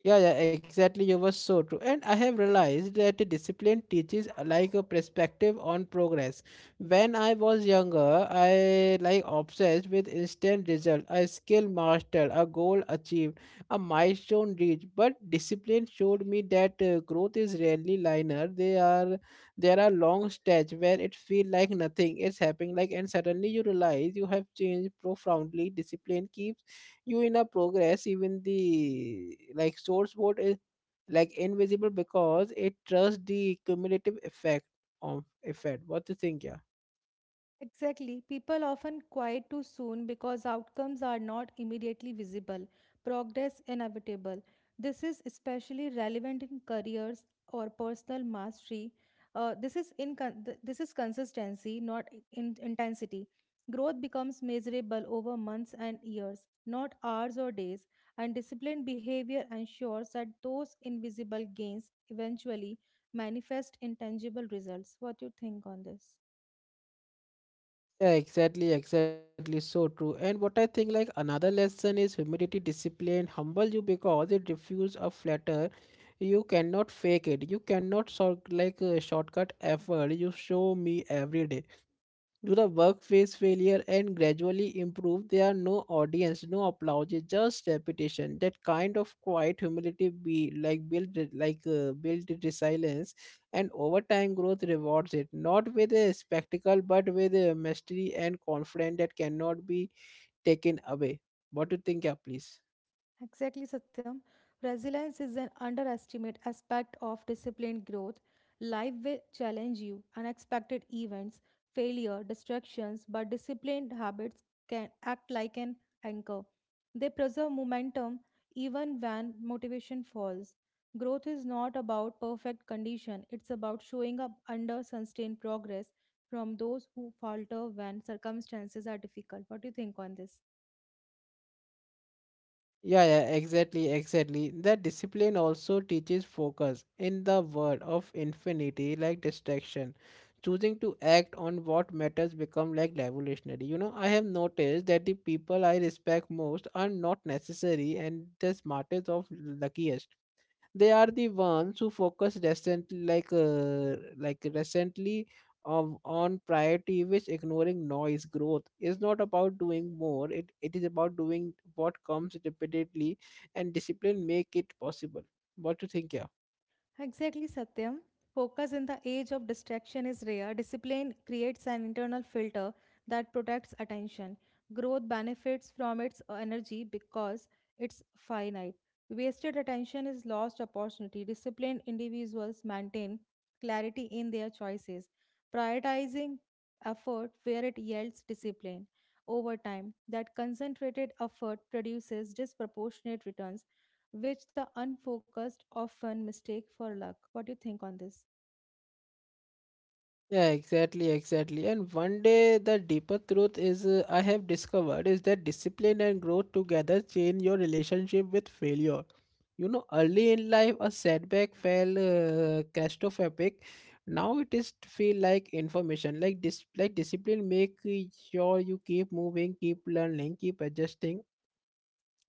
Speaker 1: Yeah, yeah, exactly. You were so true. And I have realized that a discipline teaches uh, like a perspective on progress. When I was younger, I like obsessed with instant result, a skill mastered, a goal achieved, a milestone reached. But discipline showed me that uh, growth is rarely linear. They are There are long stretch where it feels like nothing is happening. Like, and suddenly you realize you have changed profoundly. Discipline keeps you in a progress even the like source code is like invisible because it trusts the cumulative effect of effect. What do you think? Yeah,
Speaker 2: Exactly. People often quiet too soon because outcomes are not immediately visible. Progress inevitable. This is especially relevant in careers or personal mastery. Uh, this is in con- th- This is consistency, not in intensity. Growth becomes measurable over months and years, not hours or days. And disciplined behavior ensures that those invisible gains eventually manifest in tangible results. What do you think on this?
Speaker 1: yeah, exactly, exactly, so true. And what I think, like, another lesson is humility. Discipline humble you because it refuses a flatter. You cannot fake it, you cannot sort like uh, shortcut effort, you show me every day. Do the work, face failure and gradually improve. There are no audience, no applause, it's just repetition. That kind of quiet humility be like build it- like uh, build resilience, and over time growth rewards it, not with a spectacle but with a mastery and confidence that cannot be taken away. What do you think, yeah, please?
Speaker 2: Exactly, Satyam. Resilience is an underestimated aspect of disciplined growth. Life will challenge you, unexpected events, failure, distractions, but disciplined habits can act like an anchor. They preserve momentum even when motivation falls. Growth is not about perfect condition, it's about showing up under sustained progress from those who falter when circumstances are difficult. What do you think on this?
Speaker 1: Yeah, yeah, exactly, exactly. That discipline also teaches focus in the world of infinity, like distraction. Choosing to act on what matters become like revolutionary. You know, I have noticed that the people I respect most are not necessary and the smartest of luckiest, they are the ones who focus recently like uh, like recently of on priority which ignoring noise. Growth is not about doing more, it, it is about doing what comes repeatedly and discipline make it possible. What do you think? Yeah.
Speaker 2: Exactly, Satyam. Focus in the age of distraction is rare. Discipline creates an internal filter that protects attention. Growth benefits from its energy because it's finite. Wasted attention is lost opportunity. Disciplined individuals maintain clarity in their choices, prioritizing effort where it yields discipline. Over time, that concentrated effort produces disproportionate returns which the unfocused often mistake for luck. What do you think on this?
Speaker 1: Yeah, exactly, exactly. And one day, the deeper truth is uh, I have discovered is that discipline and growth together change your relationship with failure. You know, early in life, a setback felt uh, catastrophic. Now it is t- feel like information, like dis, like discipline. Make uh, sure you keep moving, keep learning, keep adjusting.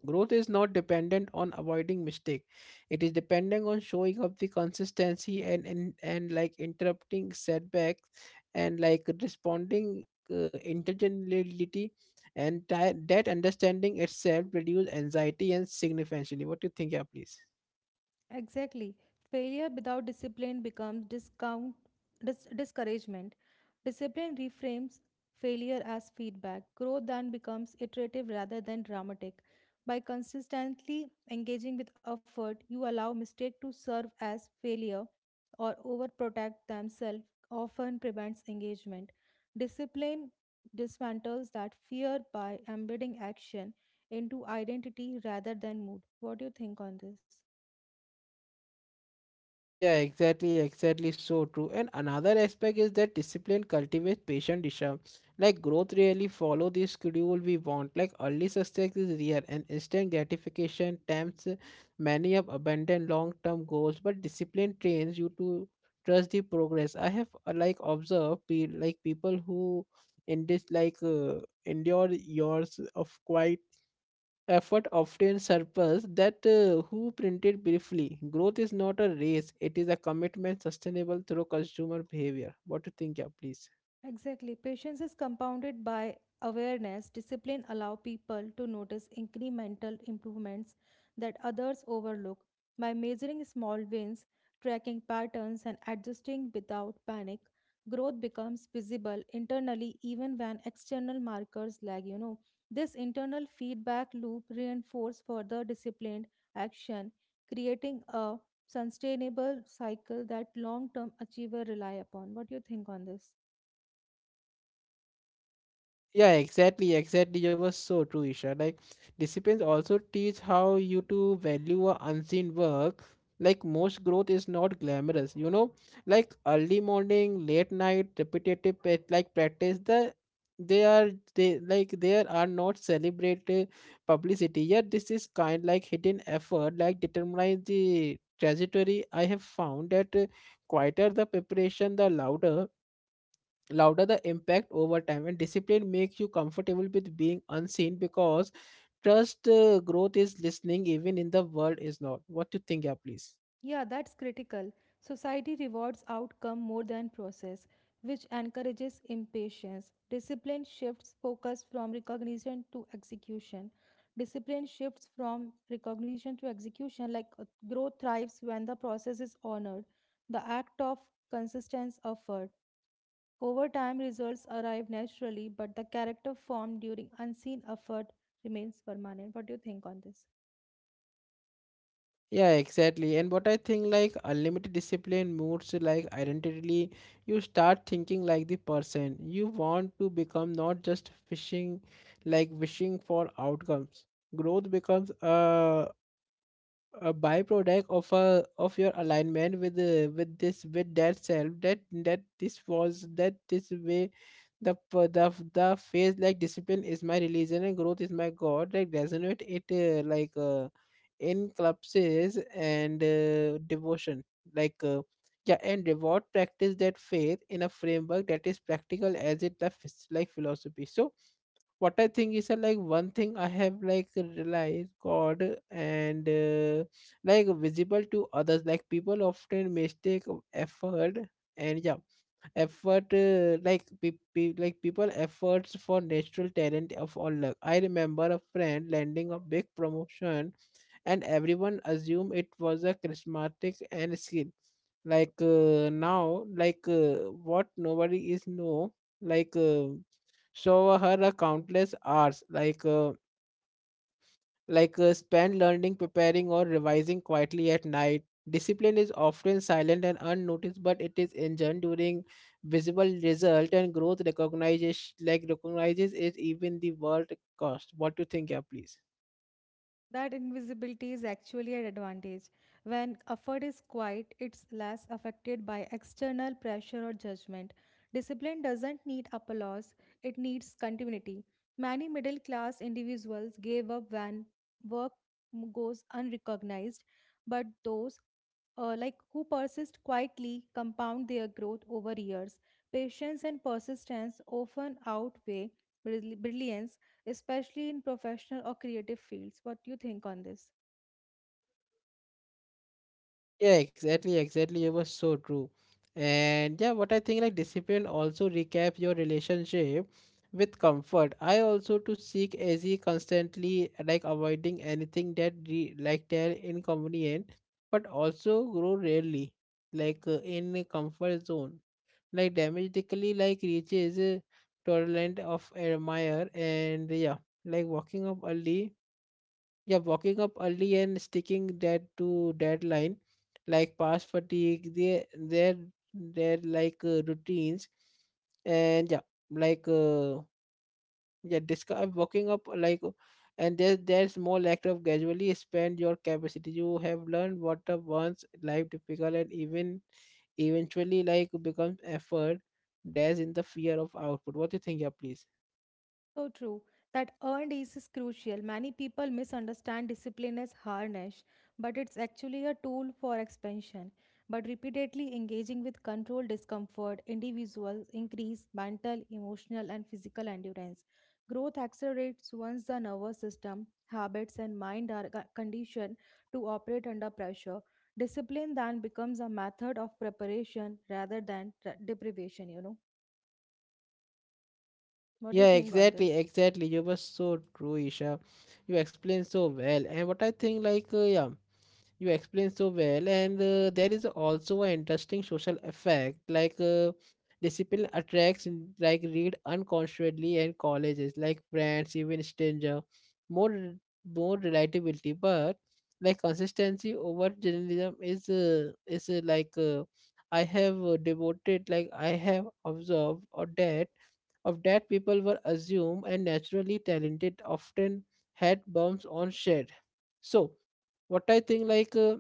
Speaker 1: Growth is not dependent on avoiding mistake. It is dependent on showing up the consistency and and, and like interrupting setbacks and like responding uh, intelligently and ti- that understanding itself reduce anxiety and significantly. What do you think, yeah, please?
Speaker 2: Exactly. Failure without discipline becomes discount, dis- discouragement. Discipline reframes failure as feedback. Growth then becomes iterative rather than dramatic. By consistently engaging with effort, you allow mistake to serve as failure or overprotect themselves often prevents engagement. Discipline dismantles that fear by embedding action into identity rather than mood. What do you think on this?
Speaker 1: Yeah, exactly, exactly, so true. And another aspect is that discipline cultivates patient Disha. Like growth really follow the schedule we want. Like early success is rare and instant gratification tempts many of abandoned long-term goals. But discipline trains you to trust the progress. I have uh, like observed pe like people who in this like uh, endure years of quiet effort often surpasses that uh, who printed briefly. Growth is not a race, it is a commitment sustainable through consumer behavior. What do you think, yeah, please?
Speaker 2: Exactly. Patience is compounded by awareness. Discipline allow people to notice incremental improvements that others overlook. By measuring small wins, tracking patterns, and adjusting without panic, growth becomes visible internally even when external markers lag. You know, this internal feedback loop reinforces further disciplined action, creating a sustainable cycle that long-term achievers rely upon. What do you think on this?
Speaker 1: Yeah, exactly, exactly. You were so true, Isha. Like, disciplines also teach how you to value a unseen work. Like, most growth is not glamorous, you know. Like early morning, late night, repetitive pa- like practice. The they are they like there are not celebrated publicity. Yet this is kind like hidden effort. Like determines the trajectory. I have found that uh, quieter the preparation, the louder louder the impact over time, and discipline makes you comfortable with being unseen because trust uh, growth is listening even in the world is not what you think. Yeah, please.
Speaker 2: Yeah, that's critical. Society rewards outcome more than process, which encourages impatience. Discipline shifts focus from recognition to execution. Discipline shifts from recognition to execution, like uh, growth thrives when the process is honored. The act of consistent effort. Over time, results arrive naturally, but the character formed during unseen effort remains permanent. What do you think on this?
Speaker 1: Yeah, exactly. And what I think, like, unlimited discipline moods like identity. You start thinking like the person you want to become, not just fishing like wishing for outcomes. Growth becomes a a byproduct of a of your alignment with the with this with that self that that this was that this way the p- the the phase like discipline is my religion and growth is my god like resonate it uh, like uh, encompasses and uh, devotion like uh, yeah and reward practice that faith in a framework that is practical as it the phys- like philosophy. So what I think is that, like, one thing I have like realized God and uh, like visible to others, like people often mistake of effort. And yeah, effort uh, like pe- pe- like people efforts for natural talent of all luck. I remember a friend landing a big promotion and everyone assumed it was a charismatic and skill. Like uh, now like uh, what nobody is know, like uh, show her a countless hours like uh, like uh, spend learning, preparing or revising quietly at night. Discipline is often silent and unnoticed, but it is enjoyed during visible result, and growth recognizes like recognizes it even the world cost. What do you think, yeah, please?
Speaker 2: That invisibility is actually an advantage. When effort is quiet, it's less affected by external pressure or judgment. Discipline doesn't need applause, it needs continuity. Many middle class individuals gave up when work m- goes unrecognized, but those uh, like who persist quietly compound their growth over years. Patience and persistence often outweigh brill- brilliance, especially in professional or creative fields. What do you think on this?
Speaker 1: Yeah, exactly, exactly. It was so true. And yeah, what I think, like, discipline also recap your relationship with comfort. I also to seek easy constantly, like avoiding anything that re- like that inconvenient, but also grow rarely like uh, in a comfort zone. Like dramatically like reaches a tolerant of admire. And yeah, like walking up early, yeah, walking up early and sticking that to deadline like past fatigue, they they're they're like uh, routines. And yeah, like uh, yeah describe walking up like uh, and there there's small act of gradually spend your capacity. You have learned what the once life difficult and even eventually like becomes effort. There's in the fear of output. What do you think, yeah, please?
Speaker 2: So true. That earned ease is crucial. Many people misunderstand discipline as harness, but it's actually a tool for expansion. But repeatedly engaging with controlled discomfort, individuals increase mental, emotional, and physical endurance. Growth accelerates once the nervous system, habits, and mind are co- conditioned to operate under pressure. Discipline then becomes a method of preparation rather than tra- deprivation, you know. What do you
Speaker 1: Yeah,
Speaker 2: think on
Speaker 1: exactly,
Speaker 2: this?
Speaker 1: exactly. You were so true, Isha. You explained so well. And what I think, like, uh, yeah you explained so well. And uh, there is also an interesting social effect, like uh, discipline attracts n- like read unconsciously and colleges like friends even stranger more re- more relatability. But like consistency over journalism is uh, is uh, like uh, I have uh, devoted like I have observed or that of that people were assumed and naturally talented often had bumps on shed. So what I think, like, uh,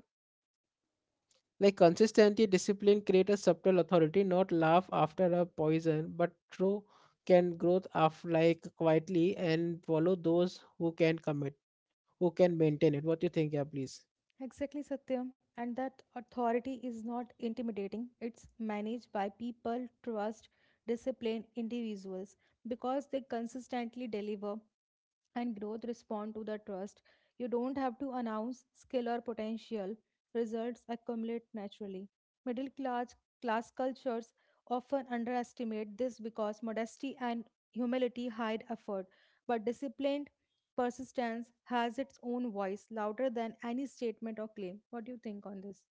Speaker 1: like consistency discipline create a subtle authority, not laugh after a poison, but true can growth of like quietly and follow those who can commit, who can maintain it. What you think, yeah, please?
Speaker 2: Exactly, Satyam. And that authority is not intimidating. It's managed by people, trust, disciplined individuals because they consistently deliver and growth respond to the trust. You don't have to announce skill or potential. Results accumulate naturally. Middle class class cultures often underestimate this because modesty and humility hide effort, but disciplined persistence has its own voice louder than any statement or claim. What do you think on this?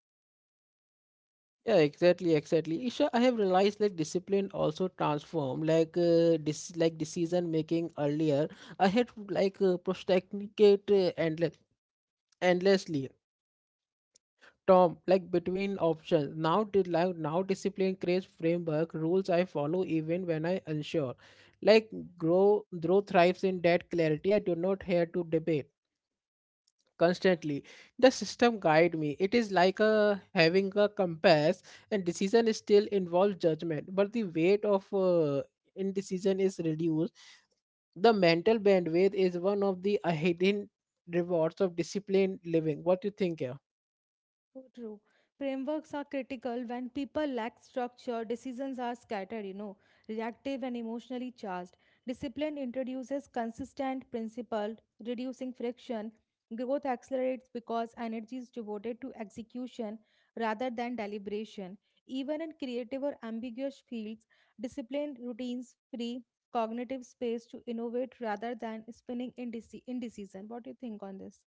Speaker 1: Yeah, exactly, exactly. Isha, I have realized, like, discipline also transform like uh, dis- like decision making. Earlier, I had to like uh, procrastinate uh, endless endlessly Tom, like between options. Now, did like now discipline creates framework rules I follow even when I unsure. Like grow, grow thrives in that clarity. I do not have to debate constantly. The system guide me. It is like a having a compass, and decision still involves judgment, but the weight of uh, indecision is reduced. The mental bandwidth is one of the hidden rewards of disciplined living. What do you think? Yeah.
Speaker 2: So true. Frameworks are critical when people lack structure, decisions are scattered, you know, reactive and emotionally charged. Discipline introduces consistent principle, reducing friction. Growth accelerates because energy is devoted to execution rather than deliberation. Even in creative or ambiguous fields, disciplined routines free cognitive space to innovate rather than spinning in indeci- indecision. What do you think on this?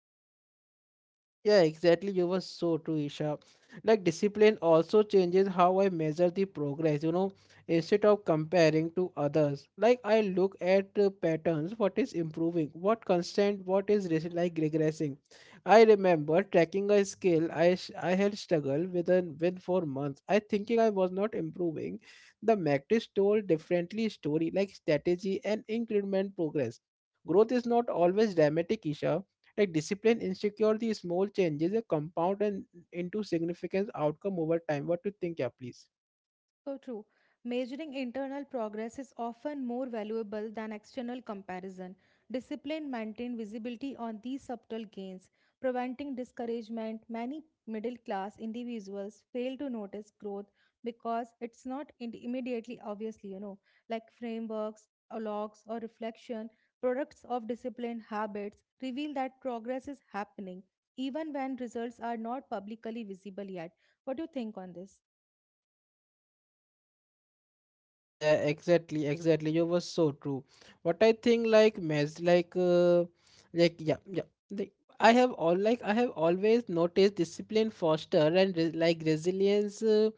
Speaker 1: Yeah, exactly. You were so true, Isha. Like discipline also changes how I measure the progress, you know, instead of comparing to others. Like I look at uh, patterns, what is improving, what constant, what is res- like regressing. I remember tracking a skill I sh- I had struggled with and with for months. I thinking I was not improving. The practice told differently story like strategy and increment progress. Growth is not always dramatic, Isha, like discipline insecure, small changes, they compound and into significant outcome over time. What do you think, yeah, please?
Speaker 2: So true. Measuring internal progress is often more valuable than external comparison. Discipline maintains visibility on these subtle gains, preventing discouragement. Many middle class individuals fail to notice growth because it's not in- immediately obviously, you know, like frameworks or logs or reflection, products of disciplined habits reveal that progress is happening, even when results are not publicly visible yet. What do you think on this?
Speaker 1: Yeah, yeah, exactly, exactly. You were so true. What I think, like, mes, like, uh, like, yeah, yeah. Like, I have all, like, I have always noticed discipline foster and re like resilience uh,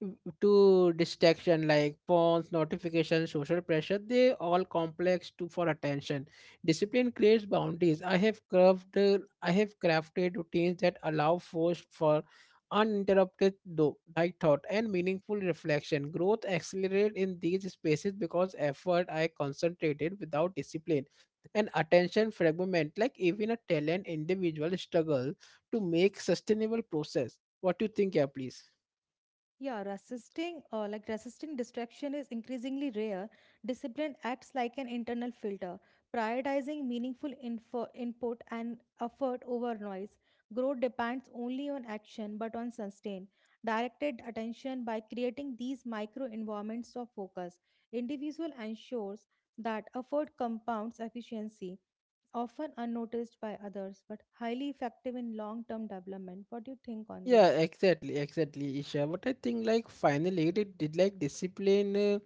Speaker 1: w- to distraction, like phones, notifications, social pressure. They all complex to for attention. Discipline creates boundaries. I have crafted, I have crafted routines that allow force for uninterrupted though light thought and meaningful reflection. Growth accelerated in these spaces because effort I concentrated without discipline and attention fragment, like even a talent individual struggle to make sustainable process. What do you think, yeah, please?
Speaker 2: Yeah, resisting uh, like resisting distraction is increasingly rare. Discipline acts like an internal filter, prioritizing meaningful info, input and effort over noise. Growth depends only on action but on sustain directed attention by creating these micro environments of focus. Individual ensures that effort compounds efficiency, often unnoticed by others but highly effective in long-term development. What do you think on this?
Speaker 1: Yeah, exactly, exactly, Isha. But I think, like, finally it did like discipline, uh,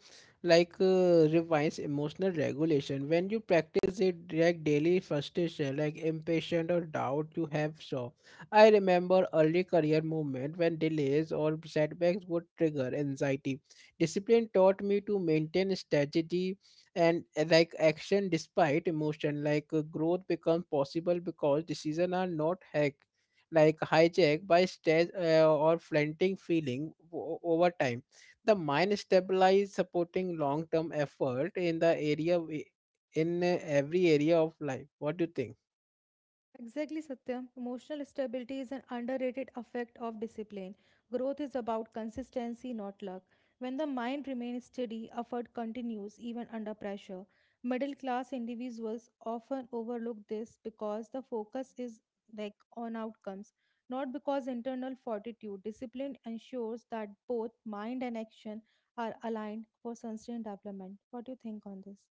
Speaker 1: like uh, revives emotional regulation. When you practice it, like daily frustration, like impatient or doubt you have shown. I remember early career movement when delays or setbacks would trigger anxiety. Discipline taught me to maintain strategy and uh, like action despite emotion. Like uh, growth becomes possible because decisions are not hack like hijacked by stage uh, or flaunting feeling o- over time. The mind stabilizes, supporting long-term effort in the area we- in uh, every area of life. What do you think?
Speaker 2: Exactly, Satyam. Emotional stability is an underrated effect of discipline. Growth is about consistency, not luck. When the mind remains steady, effort continues even under pressure. Middle class individuals often overlook this because the focus is like on outcomes, not because internal fortitude. Discipline ensures that both mind and action are aligned for sustained development. What do you think on this?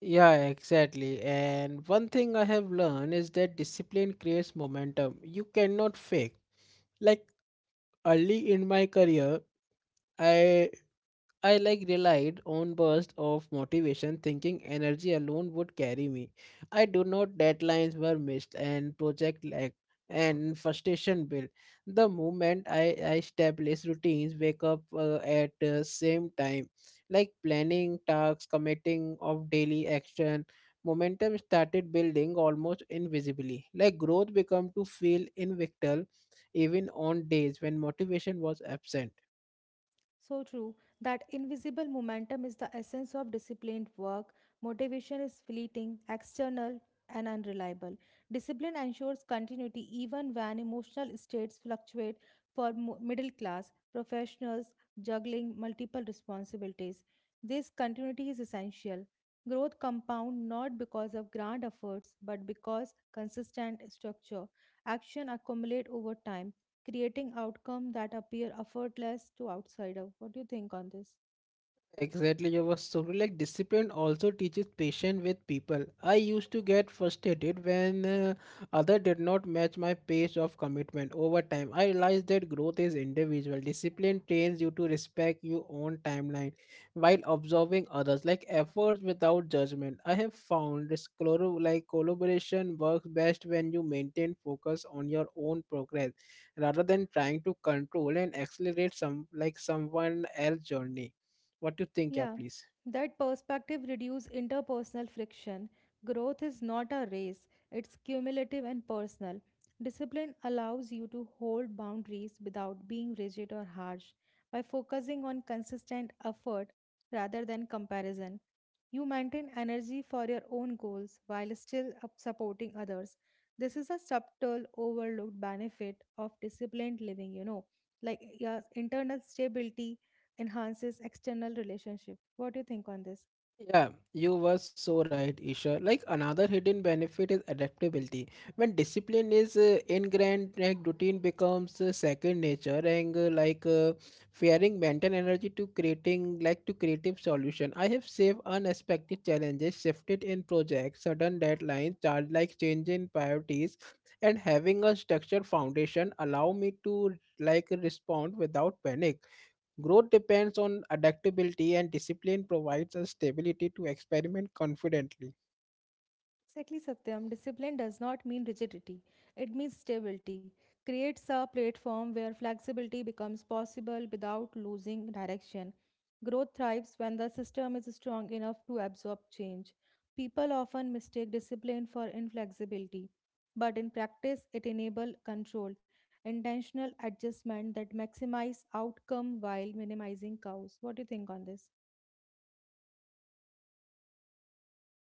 Speaker 1: Yeah, exactly. And one thing I have learned is that discipline creates momentum. You cannot fake. Like early in my career, I I like relied on bursts of motivation, thinking energy alone would carry me. I do not deadlines were missed and project lagged and frustration built. The moment I, I established routines, wake up uh, at the same time, like planning tasks, committing of daily action, momentum started building almost invisibly. Like growth become to feel invictable even on days when motivation was absent.
Speaker 2: So true. That invisible momentum is the essence of disciplined work. Motivation is fleeting, external, and unreliable. Discipline ensures continuity even when emotional states fluctuate for mo- middle class professionals juggling multiple responsibilities. This continuity is essential. Growth compound not because of grand efforts but because consistent structure. Action accumulate over time creating outcome that appear effortless to outsider. What do you think on this?
Speaker 1: Exactly, you were so right. Like discipline also teaches patience with people. I used to get frustrated when uh, other did not match my pace of commitment over time. I realized that growth is individual. Discipline trains you to respect your own timeline while observing others, like efforts without judgment. I have found this colo- like collaboration works best when you maintain focus on your own progress rather than trying to control and accelerate some like someone else's journey. What do you think, yeah,
Speaker 2: Yeah,
Speaker 1: please?
Speaker 2: that perspective reduces interpersonal friction. Growth is not a race, it's cumulative and personal. Discipline allows you to hold boundaries without being rigid or harsh. By focusing on consistent effort rather than comparison, you maintain energy for your own goals while still up- supporting others. This is a subtle, overlooked benefit of disciplined living, you know, like yeah, internal stability enhances external relationship. What do you think on this?
Speaker 1: Yeah, you were so right, Isha. Like another hidden benefit is adaptability. When discipline is uh, ingrained, like routine becomes uh, second nature, and uh, like uh, fearing mental energy to creating like to creative solution. I have saved unexpected challenges, shifted in projects, sudden deadlines, charge like changing priorities, and having a structured foundation allow me to like respond without panic. Growth depends on adaptability, and discipline provides us stability to experiment confidently.
Speaker 2: Exactly, Satyam. Discipline does not mean rigidity. It means stability. Creates a platform where flexibility becomes possible without losing direction. Growth thrives when the system is strong enough to absorb change. People often mistake discipline for inflexibility, but in practice, it enables control, intentional adjustment that maximize outcome while minimizing chaos. What do you think on this?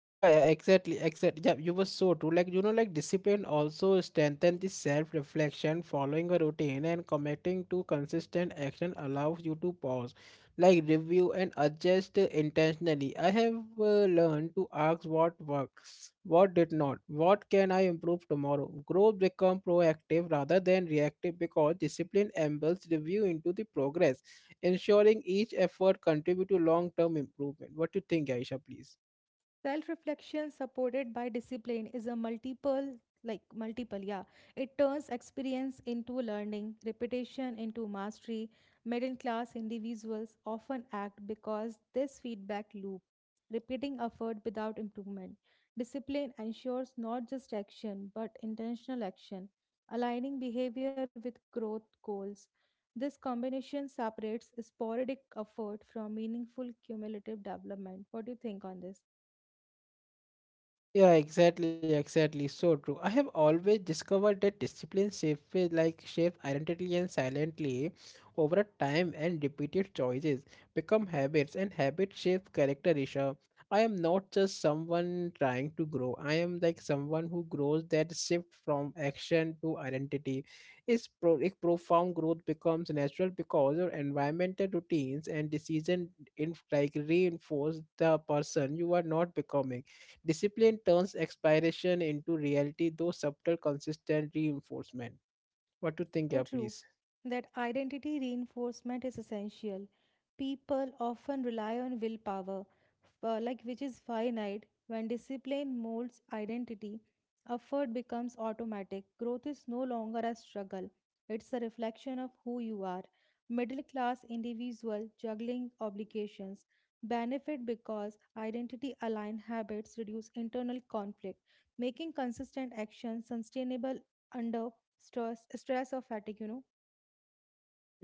Speaker 1: Yeah, yeah, exactly, exactly. Yeah, you were so true. Like, you know, like discipline also strengthens the self-reflection, following a routine and committing to consistent action allows you to pause, like review and adjust uh, intentionally. I have uh, learned to ask what works, what did not, what can I improve tomorrow. Growth become proactive rather than reactive because discipline embeds review into the progress, ensuring each effort contribute to long-term improvement. What do you think, Aisha, please?
Speaker 2: Self reflection supported by discipline is a multiple, like multiple, yeah. It turns experience into learning, repetition into mastery. Middle class individuals often act because this feedback loop, repeating effort without improvement. Discipline ensures not just action but intentional action, aligning behavior with growth goals. This combination separates sporadic effort from meaningful cumulative development. What do you think on this?
Speaker 1: Yeah, exactly, exactly. So true. I have always discovered that discipline shapes it like shapes identity and silently over a time and repeated choices become habits and habit shapes character, Isha. I am not just someone trying to grow. I am like someone who grows that shift from action to identity. Is pro- a profound growth becomes natural because your environmental routines and decision in like reinforce the person you are not becoming. Discipline turns aspiration into reality, though subtle, consistent reinforcement. What to think,
Speaker 2: So
Speaker 1: yeah,
Speaker 2: true,
Speaker 1: please?
Speaker 2: that identity reinforcement is essential. People often rely on willpower, uh, like which is finite. When discipline molds identity, effort becomes automatic. Growth is no longer a struggle; it's a reflection of who you are. Middle-class individual juggling obligations benefit because identity-aligned habits reduce internal conflict, making consistent action sustainable under stress stress or fatigue, you know.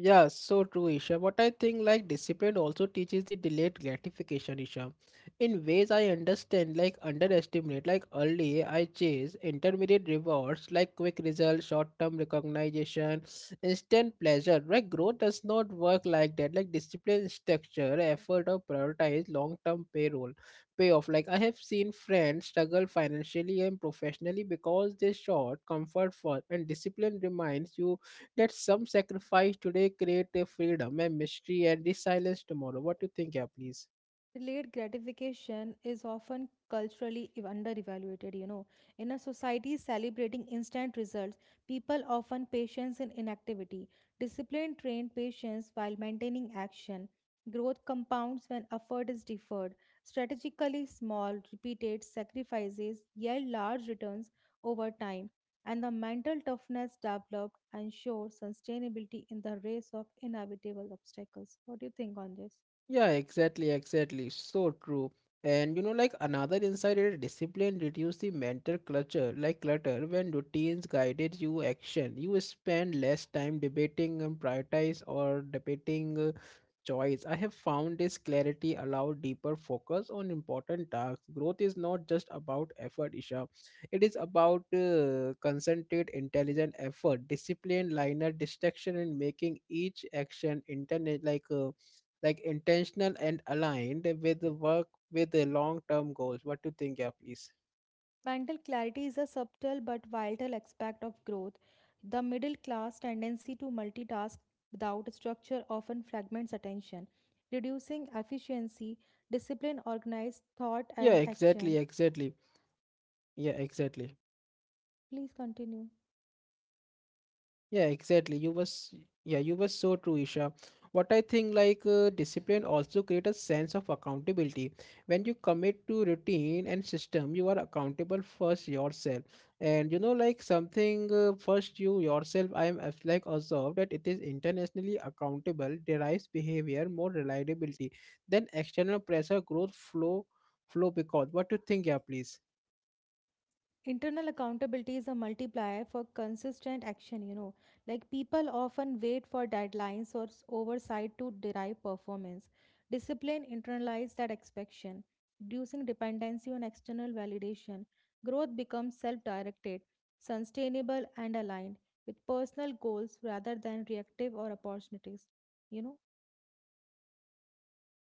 Speaker 1: Yeah, so true, Isha. But I think, like discipline also teaches the delayed gratification, Isha. In ways I understand, like underestimate, like early I chase intermediate rewards, like quick results, short-term recognition, instant pleasure. Like growth does not work like that. Like discipline, structure, effort, or prioritize long-term payroll payoff. Like I have seen friends struggle financially and professionally because they short comfort first, and discipline reminds you that some sacrifice today create a freedom a mystery and the silence tomorrow. What do you think, yeah, please?
Speaker 2: Delayed gratification is often culturally ev- underevaluated, you know. In a society celebrating instant results, people often patience in inactivity. Discipline trained patience while maintaining action. Growth compounds when effort is deferred. Strategically small, repeated sacrifices yield large returns over time, and the mental toughness developed ensures sustainability in the race of inevitable obstacles. What do you think on this?
Speaker 1: Yeah, exactly, exactly. So true. And you know, like another insight is discipline reduce the mental clutter, like clutter. When routines guided you action, you spend less time debating and prioritize or debating uh, choice. I have found this clarity allow deeper focus on important tasks. Growth is not just about effort, Isha. It is about uh, concentrated, intelligent effort, discipline, liner, distraction, and making each action internet like uh, like intentional and aligned with the work with the long term goals. What do you think, yeah, please?
Speaker 2: Mental clarity is a subtle but vital aspect of growth. The middle class tendency to multitask without structure often fragments attention, reducing efficiency, discipline,
Speaker 1: Yeah,
Speaker 2: organized
Speaker 1: exactly,
Speaker 2: thought,
Speaker 1: exactly.
Speaker 2: and action.
Speaker 1: Yeah, exactly.
Speaker 2: Please continue.
Speaker 1: Yeah, exactly. You was yeah, you were so true, Isha. What I think like uh, discipline also create a sense of accountability. When you commit to routine and system, you are accountable first yourself. And you know like something uh, first you yourself. I am as- like observed that it is internationally accountable derives behavior more reliability than external pressure growth flow flow because what do you think, yeah, please?
Speaker 2: Internal accountability is a multiplier for consistent action, you know. Like people often wait for deadlines or s- oversight to derive performance. Discipline internalizes that expectation, reducing dependency on external validation. Growth becomes self directed, sustainable, and aligned with personal goals rather than reactive or opportunities, you know.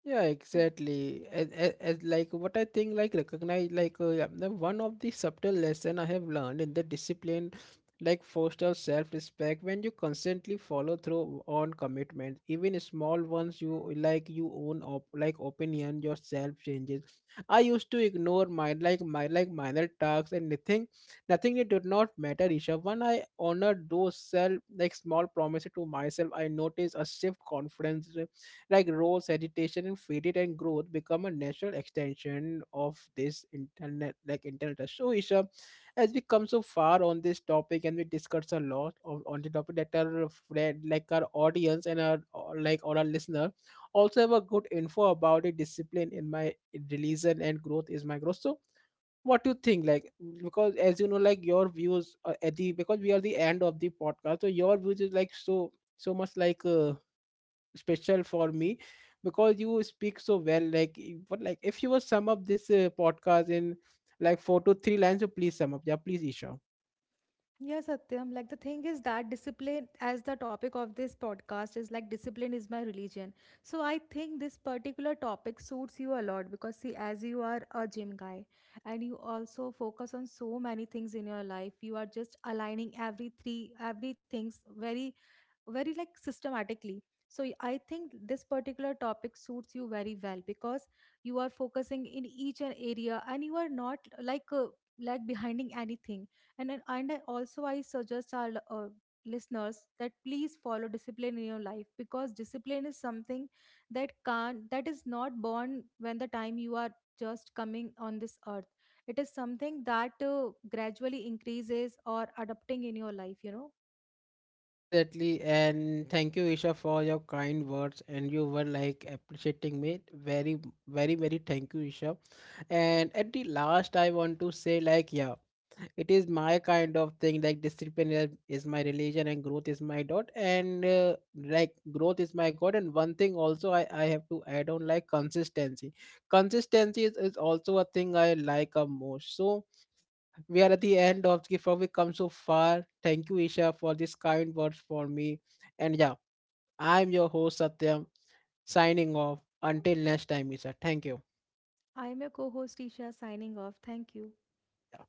Speaker 1: Yeah, exactly. As, as, as like what I think, like recognize, like uh, yeah, the one of the subtle lesson I have learned in the discipline, like foster self-respect when you constantly follow through on commitment, even small ones. You like you own op like opinion, yourself changes. I used to ignore my like my like minor tasks and nothing, nothing it did not matter. Isha, when I honored those self like small promises to myself, I noticed a shift confidence like roles, education, and faith and growth become a natural extension of this internet like internet. Touch. So Isha, as we come so far on this topic and we discuss a lot of, on the topic that our friend like our audience and our or like or our listener also have a good info about it, discipline in my religion and growth is my growth. So what do you think like because as you know like your views are at the because we are the end of the podcast, so your views is like so so much like uh, special for me because you speak so well. Like, I- what like if you will sum up this uh, podcast in like four to three lines, so please sum up. Yeah, please, Isha.
Speaker 2: Yeah, Satyam. Like the thing is that discipline, as the topic of this podcast is like discipline is my religion. So I think this particular topic suits you a lot because see, as you are a gym guy and you also focus on so many things in your life, you are just aligning every three every things very very like systematically, so I think this particular topic suits you very well because you are focusing in each an area and you are not like uh, like behinding anything and then- and I also I suggest our l- uh, listeners that please follow discipline in your life because discipline is something that can't that is not born when the time you are just coming on this earth. It is something that uh, gradually increases or adapting in your life, you know.
Speaker 1: Exactly, and thank you, Isha, for your kind words. And you were like appreciating me. Very, very, very thank you, Isha. And at the last, I want to say, like, yeah, it is my kind of thing. Like, discipline is, is my religion, and growth is my dot. And uh, like, growth is my god. And one thing also, I I have to add on, like, consistency. Consistency is, is also a thing I like a most. So we are at the end of the before we come so far. Thank you, Isha, for this kind words for me. And yeah, I'm your host Satyam, signing off. Until next time, Isha. Thank you.
Speaker 2: I'm your co host Isha signing off. Thank you.
Speaker 1: Yeah.